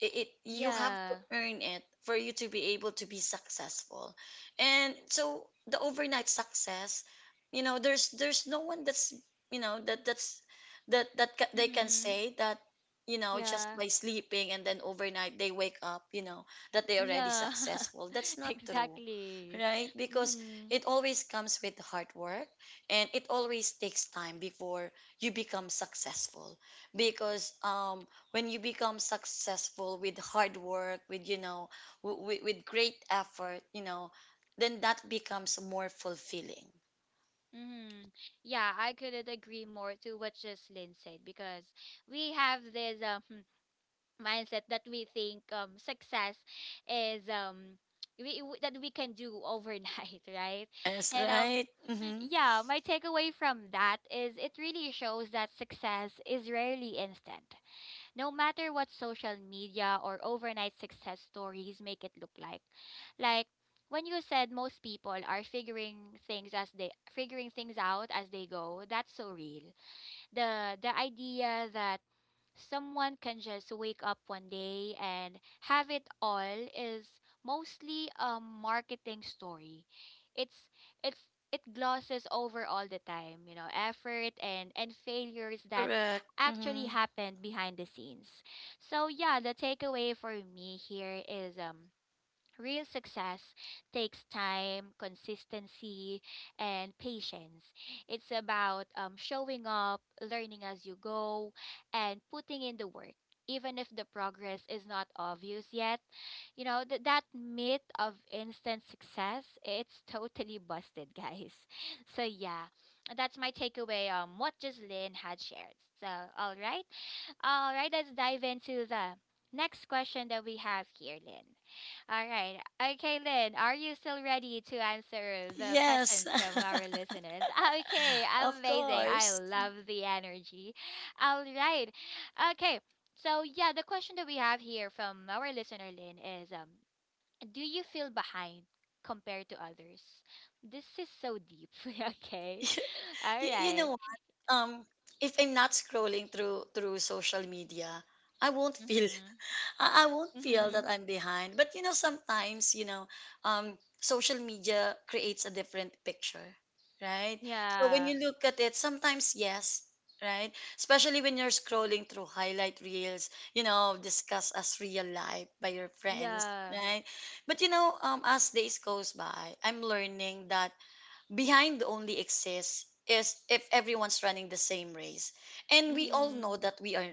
It, you have to
yeah.
earn it for you to be able to be successful. And so the overnight success, you know, there's no one that's, you know, that's that they can
Mm-hmm.
say that, you know, just
Yeah,
by sleeping and then overnight they wake up, you know, that they already
yeah.
successful, that's not true,
Exactly.
right? Because
Mm-hmm.
it always comes with hard work, and it always takes time before you become successful. Because when you become successful with hard work, with, you know, with great effort, you know, then that becomes more fulfilling.
Mm-hmm. Yeah, I couldn't agree more to what just Lynn said because we have this mindset that we think success is that we can do overnight, right?
Yes,
And
right. Mm-hmm.
yeah, my takeaway from that is it really shows that success is rarely instant, no matter what social media or overnight success stories make it look like. Like when you said most people are figuring things as they figuring things out as they go, that's so real. The idea that someone can just wake up one day and have it all is mostly a marketing story. It's it's it glosses over all the time, you know, effort and failures
Correct.
that
Mm-hmm.
actually happened behind the scenes. So yeah, the takeaway for me here is real success takes time, consistency, and patience. It's about showing up, learning as you go, and putting in the work, even if the progress is not obvious yet. You know, that myth of instant success, it's totally busted, guys. So, yeah, that's my takeaway on what Jocelyn had shared. So, all right, all right, let's dive into the next question that we have here, Lynn. All right. Okay, Lynn, are you still ready to answer the
Yes.
questions from our listeners? Okay,
Of
amazing. I
course.
love the energy. All right. Okay. So, yeah, the question that we have here from our listener, Lynn, is do you feel behind compared to others? This is so deep. okay. All
You know
right.
what, um if I'm not scrolling through social media, I won't feel,
Mm-hmm.
I won't feel that
Mm-hmm.
I'm behind. But you know, sometimes, you know, social media creates a different picture, right? So when
Yeah.
you look at it, sometimes yes, right? Especially when you're scrolling through highlight reels, you know, discussed as real life by your friends,
Yeah.
right? But you know, as days goes by, I'm learning that behind only exists is if everyone's running the same race, and we all know
Mhm.
that we are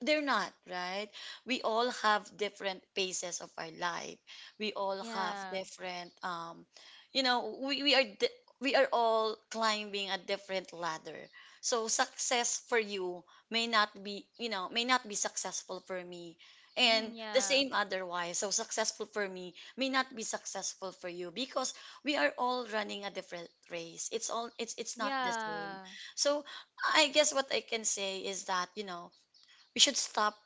they're not, right? We all have different paces of our life. We all have
Yeah.
different, you know, we are all climbing a different ladder. So success for you may not be, you know, may not be successful for me.
Mhm.
And the
Yeah.
same otherwise, so successful for me may not be successful for you. Because we are all running a different race, it's all, it's not the same.
Yeah.
So I guess what I can say is that, you know, we should stop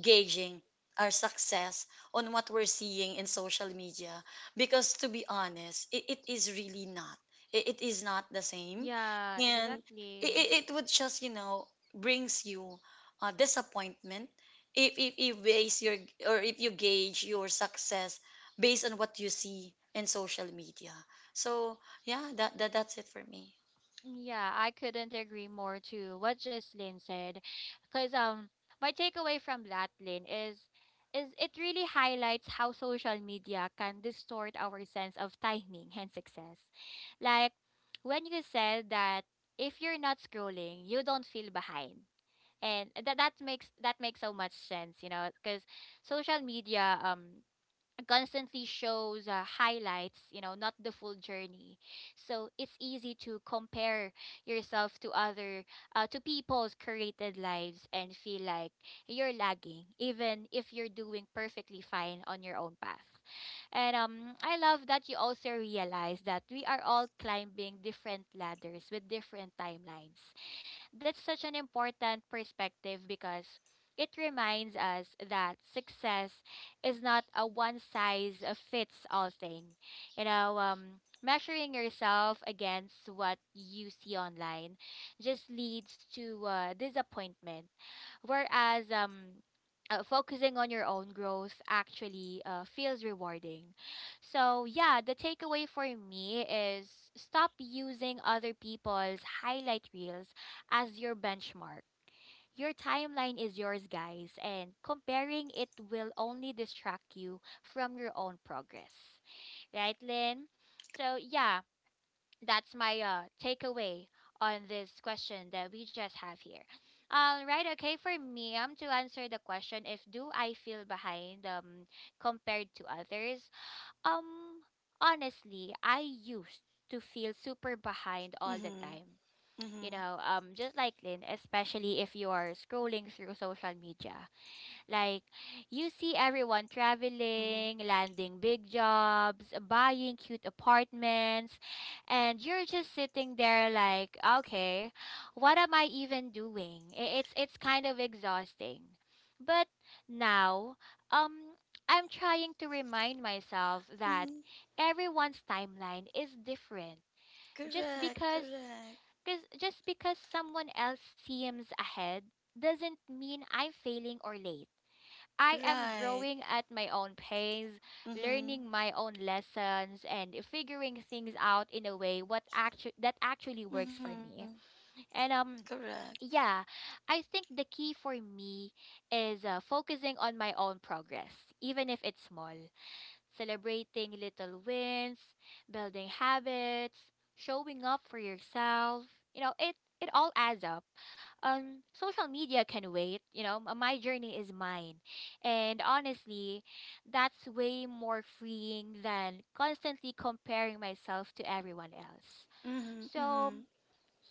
gauging our success on what we're seeing in social media. Because to be honest, it is really not, it is not the same.
Yeah.
And
Exactly.
it would just, you know, brings you disappointment if, if base your or if you gauge your success based on what you see in social media. So yeah, that that's it for me.
Yeah, I couldn't agree more to what Jocelyn said, because my takeaway from that, Lynn, is it really highlights how social media can distort our sense of timing and success. Like when you said that if you're not scrolling, you don't feel behind, and that makes so much sense, you know, because social media constantly shows highlights, you know, not the full journey. So it's easy to compare yourself to other, to people's created lives and feel like you're lagging, even if you're doing perfectly fine on your own path. And I love that you also realize that we are all climbing different ladders with different timelines. That's such an important perspective because it reminds us that success is not a one size fits all thing. Measuring yourself against what you see online just leads to disappointment. Whereas Focusing on your own growth actually feels rewarding. So, yeah, the takeaway for me is stop using other people's highlight reels as your benchmark. Your timeline is yours, guys, and comparing it will only distract you from your own progress. Right, Lynn? So, yeah, that's my takeaway on this question that we just have here. All right, okay, for me, to answer the question if do I feel behind compared to others? Um Honestly, I used to feel super behind all the
Mm-hmm,
time, you
mm-hmm,
know, just like Lynn, especially if you are scrolling through social media, like you see everyone
mm-hmm,
traveling, landing big jobs, buying cute apartments, and you're just sitting there like, okay, what am I even doing? It's kind of exhausting. But now, um I'm trying to remind myself that
mm-hmm.
everyone's timeline is different. just
Correct,
because
correct.
because just because someone else seems ahead doesn't mean I'm failing or late. I am
Right.
growing at my own pace,
Mm-hmm.
learning my own lessons, and figuring things out in a way that actually works for
Mm-hmm.
me. And
Correct.
yeah, I think the key for me is focusing on my own progress, even if it's small, celebrating little wins, building habits, showing up for yourself. You know, it all adds up. Social media can wait, you know, my journey is mine. And honestly, that's way more freeing than constantly comparing myself to everyone else.
Mm-hmm.
So,
Mm-hmm.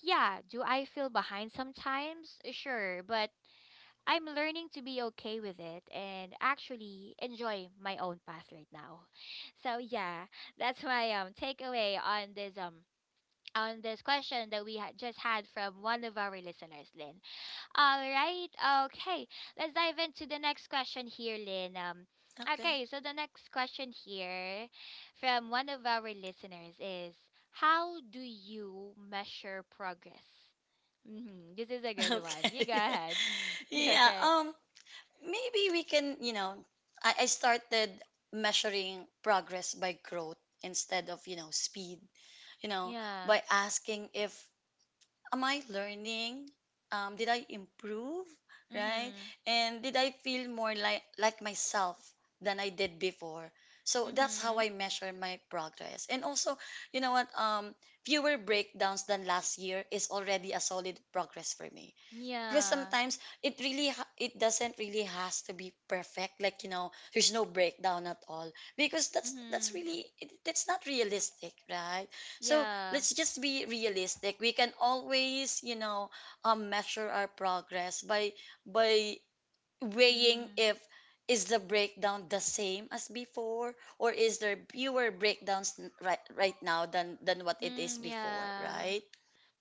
yeah, do I feel behind sometimes? Sure, but I'm learning to be okay with it and actually enjoy my own path right now. So yeah, that's my takeaway on this question that we had just had from one of our listeners, Lynn. All right, okay, let's dive into the next question here, Lynn.
Okay.
Okay, so the next question here from one of our listeners is, how do you measure progress? Hmm This is a good one. You go
Okay.
ahead.
Yeah.
Okay.
Um, maybe we can, you know, I started measuring progress by growth instead of, you know, speed. You know,
Yeah.
by asking if am I learning? Did I improve? Right?
Mhm.
And did I feel more like, myself than I did before? So that's how
Mhm.
I measure my progress. And also, you know what? Fewer breakdowns than last year is already a solid progress for me. Because
Yeah.
sometimes it really it doesn't really has to be perfect, like, you know, there's no breakdown at all. Because that's
Mhm.
really it, that's not realistic, right? So
Yeah.
let's just be realistic, we can always, you know, measure our progress by by weighing
Mm.
if is the breakdown the same as before, or is there fewer breakdowns right now than what it is
Mm,
before,
yeah.
right?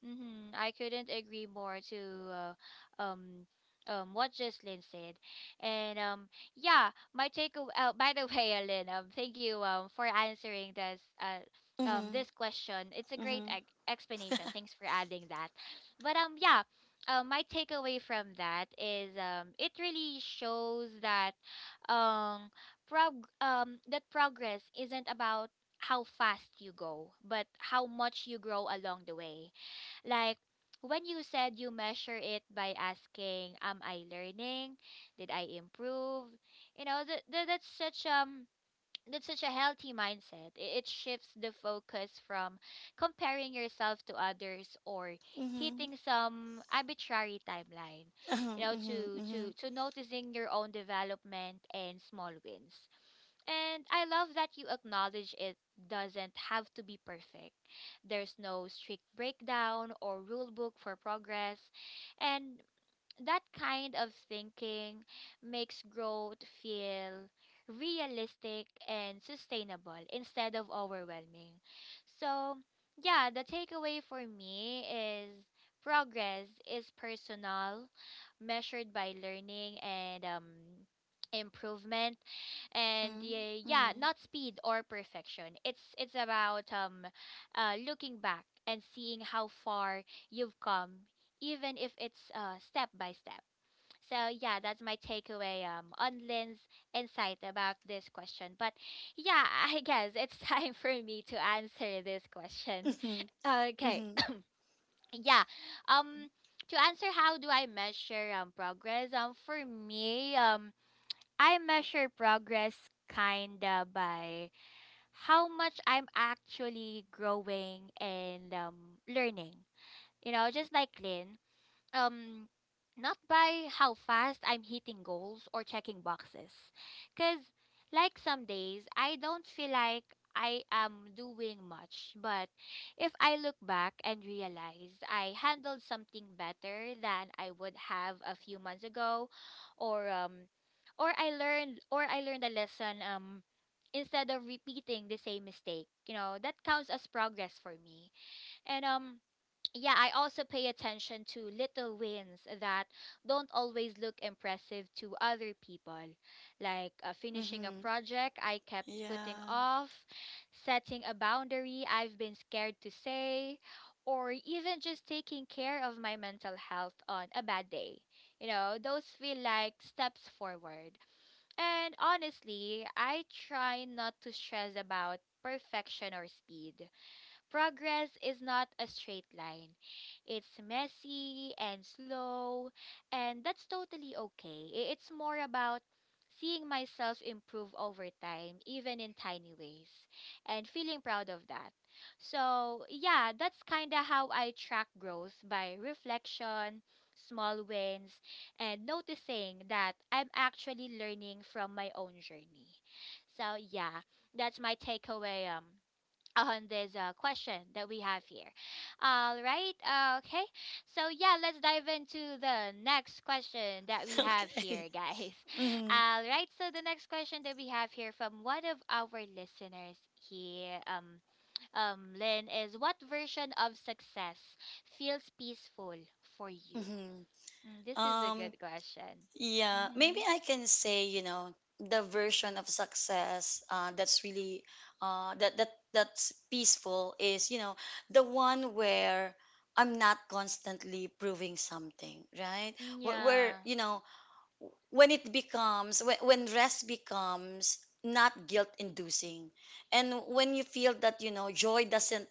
Mm-hmm. I couldn't agree more to uh, um what Jocelyn said, and yeah, my takeaway. By the way, Alin, thank you for answering
Mm-hmm,
this question. It's a great
mm-hmm,
explanation. Thanks for adding that. But yeah, my takeaway from that is it really shows that um progress isn't about how fast you go, but how much you grow along the way, like when you said you measure it by asking, "Am I learning? Did I improve?" You know, that's such a healthy mindset. It shifts the focus from comparing yourself to others or
mm-hmm,
hitting some arbitrary timeline, you know,
mm-hmm,
to
mm-hmm.
noticing your own development and small wins. And I love that you acknowledge it doesn't have to be perfect. There's no strict breakdown or rule book for progress. And that kind of thinking makes growth feel realistic and sustainable instead of overwhelming. So, yeah, the takeaway for me is progress is personal, measured by learning and improvement, and
Mm,
yeah,
mm,
not speed or perfection. It's about looking back and seeing how far you've come, even if it's step by step. So yeah, that's my takeaway on Lynn's insight about this question. But yeah, I guess it's time for me to answer this question.
mhm,
Okay,
mhm,
yeah. Um, to answer how do I measure progress? For me, I measure progress kinda by how much I'm actually growing and learning. You know, just like Lynn, um not by how fast I'm hitting goals or checking boxes. Cuz like some days I don't feel like I am doing much, but if I look back and realize I handled something better than I would have a few months ago, or um or I learned a lesson instead of repeating the same mistake, you know, that counts as progress for me. And Yeah, I also pay attention to little wins that don't always look impressive to other people, like finishing a
mhm.
project I kept putting
Yeah.
off, setting a boundary I've been scared to say, or even just taking care of my mental health on a bad day. You know, those feel like steps forward. And honestly, I try not to stress about perfection or speed. Progress is not a straight line. It's messy and slow, and that's totally okay. It's more about seeing myself improve over time, even in tiny ways, and feeling proud of that. So, yeah, that's kind of how I track growth: by reflection, small wins, and noticing that I'm actually learning from my own journey. So, yeah, that's my takeaway on this question that we have here. All right. Okay. So yeah, let's dive into the next question that we have here,
Okay.
guys.
Mhm,
All right. So the next question that we have here from one of our listeners here, Lynn, is what version of success feels peaceful for you?
mhm.
Mm, this is a
Um,
good question.
yeah,
Mm-hmm.
maybe I can say, you know, the version of success that's really that that's peaceful is, you know, the one where I'm not constantly proving something, right?
Mm,
Where,
yeah.
you know, when it becomes when rest becomes not guilt inducing, and when you feel that, you know, joy doesn't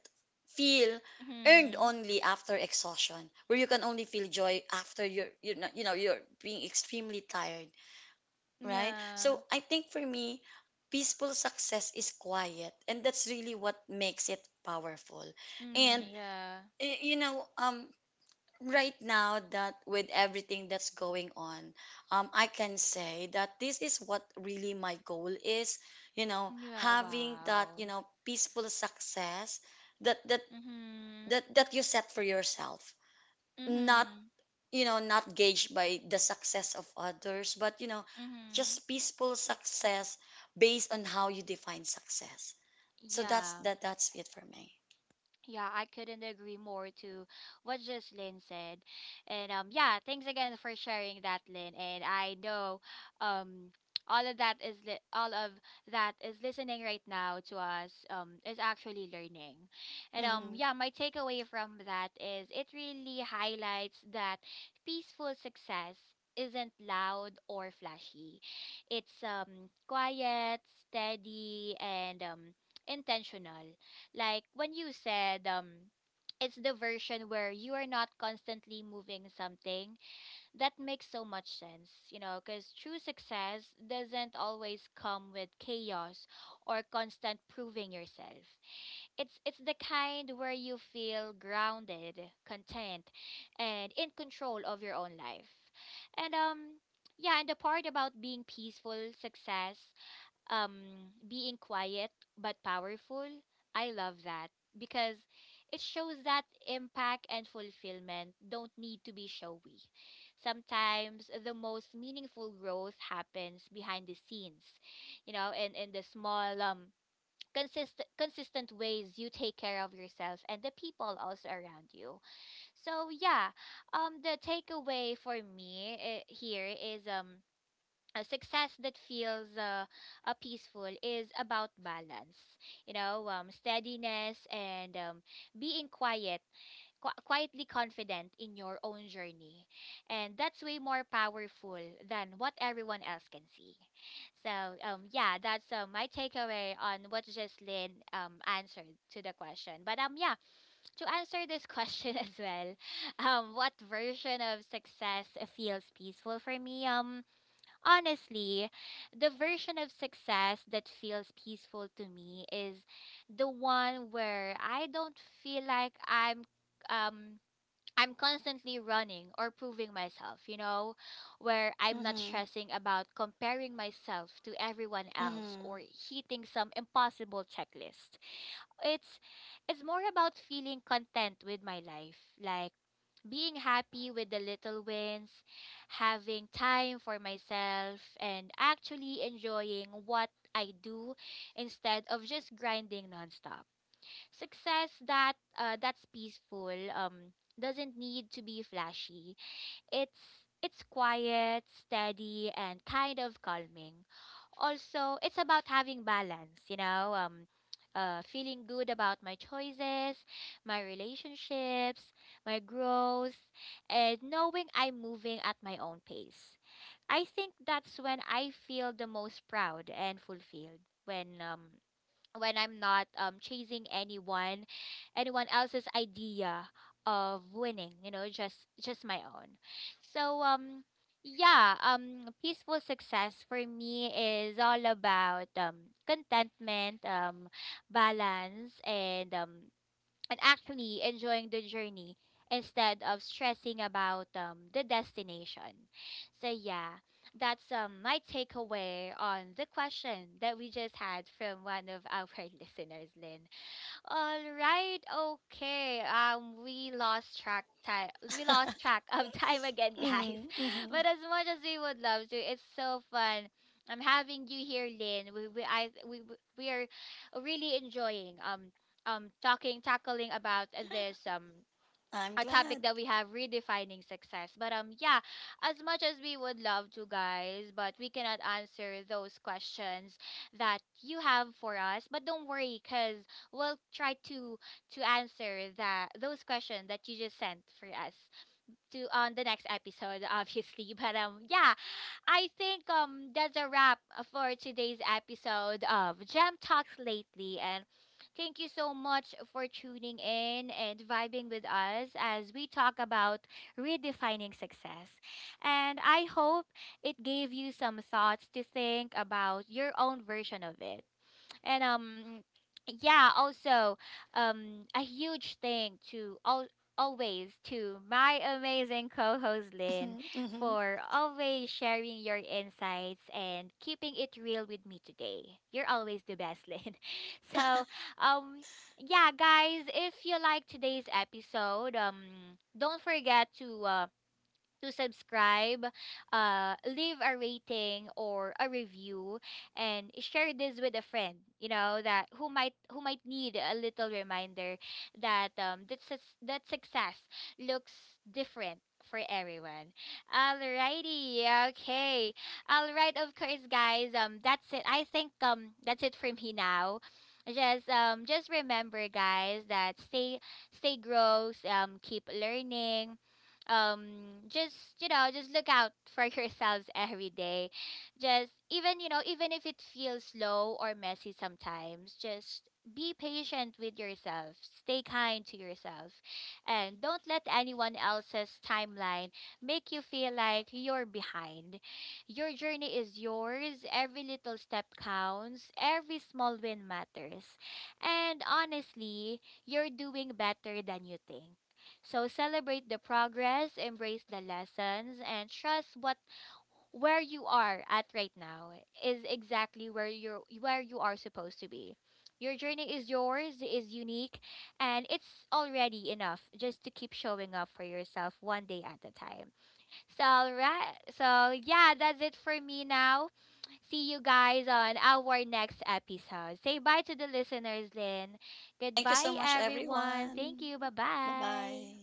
feel earned
Mm-hmm.
only after exhaustion, where you can only feel joy after you're, you know, you know, you're being extremely tired, right?
Yeah.
So I think for me peaceful success is quiet, and that's really what makes it powerful.
Mm,
And
yeah.
you know, right now that with everything that's going on, I can say that this is what really my goal is, you know,
Mm, yeah.
having that,
Wow.
you know, peaceful success that
Mhm.
that you set for yourself. Not,
Mhm.
you know, not gauged by the success of others, but, you know,
Mhm.
just peaceful success based on how you define success. So that's
Yeah.
that's it for me.
Yeah, I couldn't agree more to what just Lynn said. And yeah, thanks again for sharing that, Lynn. And I know um all of that is li- all of that is listening right now to us is actually learning. And
Mhm,
yeah, my takeaway from that is it really highlights that peaceful success isn't loud or flashy. It's quiet, steady, and intentional, like when you said it's the version where you are not constantly moving something. That makes so much sense, you know, because true success doesn't always come with chaos or constant proving yourself. It's the kind where you feel grounded, content, and in control of your own life. And yeah, and the part about being peaceful success being quiet but powerful, I love that, because it shows that impact and fulfillment don't need to be showy. Sometimes the most meaningful growth happens behind the scenes, you know, in the small consistent ways you take care of yourself and the people also around you. So yeah, the takeaway for me here is a success that feels peaceful is about balance, you know, steadiness, and being quietly confident in your own journey, and that's way more powerful than what everyone else can see. So yeah, that's my takeaway on what Jocelyn answered to the question. But yeah, to answer this question as well, what version of success feels peaceful for me, honestly, the version of success that feels peaceful to me is the one where I don't feel like um I'm constantly running or proving myself, you know, where I'm not
mhm,
stressing about comparing myself to everyone else
mhm,
or hitting some impossible checklist. It's it's more about feeling content with my life, like being happy with the little wins, having time for myself, and actually enjoying what I do instead of just grinding nonstop. Success that that's peaceful doesn't need to be flashy. It's quiet, steady, and kind of calming. Also, it's about having balance, you know, feeling good about my choices, my relationships, my growth, and knowing I'm moving at my own pace. I think that's when I feel the most proud and fulfilled, when I'm not chasing anyone else's idea of winning, you know, just my own. So yeah, peaceful success for me is all about contentment, balance, and actually enjoying the journey instead of stressing about the destination. So yeah, that's my takeaway on the question that we just had from one of our listeners, Lynn. All right, okay. We lost track time. We lost track of time again,
mhm,
guys.
mhm.
But as much as we would love to, it's so fun. I'm having you here, Lynn. We I we are really enjoying talking tackling about this
I'm
a
glad.
topic that we have, redefining success. But yeah, as much as we would love to, guys, but we cannot answer those questions that you have for us. But don't worry, cuz we'll try to answer that those questions that you just sent for us to on the next episode of History. But yeah, I think that's a wrap for today's episode of Gem Talks Lately, and thank you so much for tuning in and vibing with us as we talk about redefining success. And I hope it gave you some thoughts to think about your own version of it, and yeah, also a huge thank to all, always, to my amazing co-host Lynn
Mhm, mhm.
for always sharing your insights and keeping it real with me today. You're always the best, Lynn. So, um yeah, guys, if you like today's episode, don't forget to subscribe, leave a rating or a review, and share this with a friend. You know, that who might need a little reminder that that success looks different for everyone. Alrighty, okay, all right, of course, guys. That's it. I think that's it for me now. Just remember, guys, that stay gross. Keep learning, just, you know, just look out for yourselves every day, just, even you know, even if it feels slow or messy sometimes, just be patient with yourself, stay kind to yourself, and don't let anyone else's timeline make you feel like you're behind. Your journey is yours. Every little step counts, every small win matters, and honestly, you're doing better than you think. So celebrate the progress, embrace the lessons, and trust what where you are at right now is exactly where you're where you are supposed to be. Your journey is yours, is unique, and it's already enough just to keep showing up for yourself one day at a time. So right, so yeah, that's it for me now. See you guys on our next episode. Say bye to the listeners, Lynn.
Thank you so
Goodbye,
much,
everyone.
everyone.
Thank you. Bye
Bye
bye.
bye.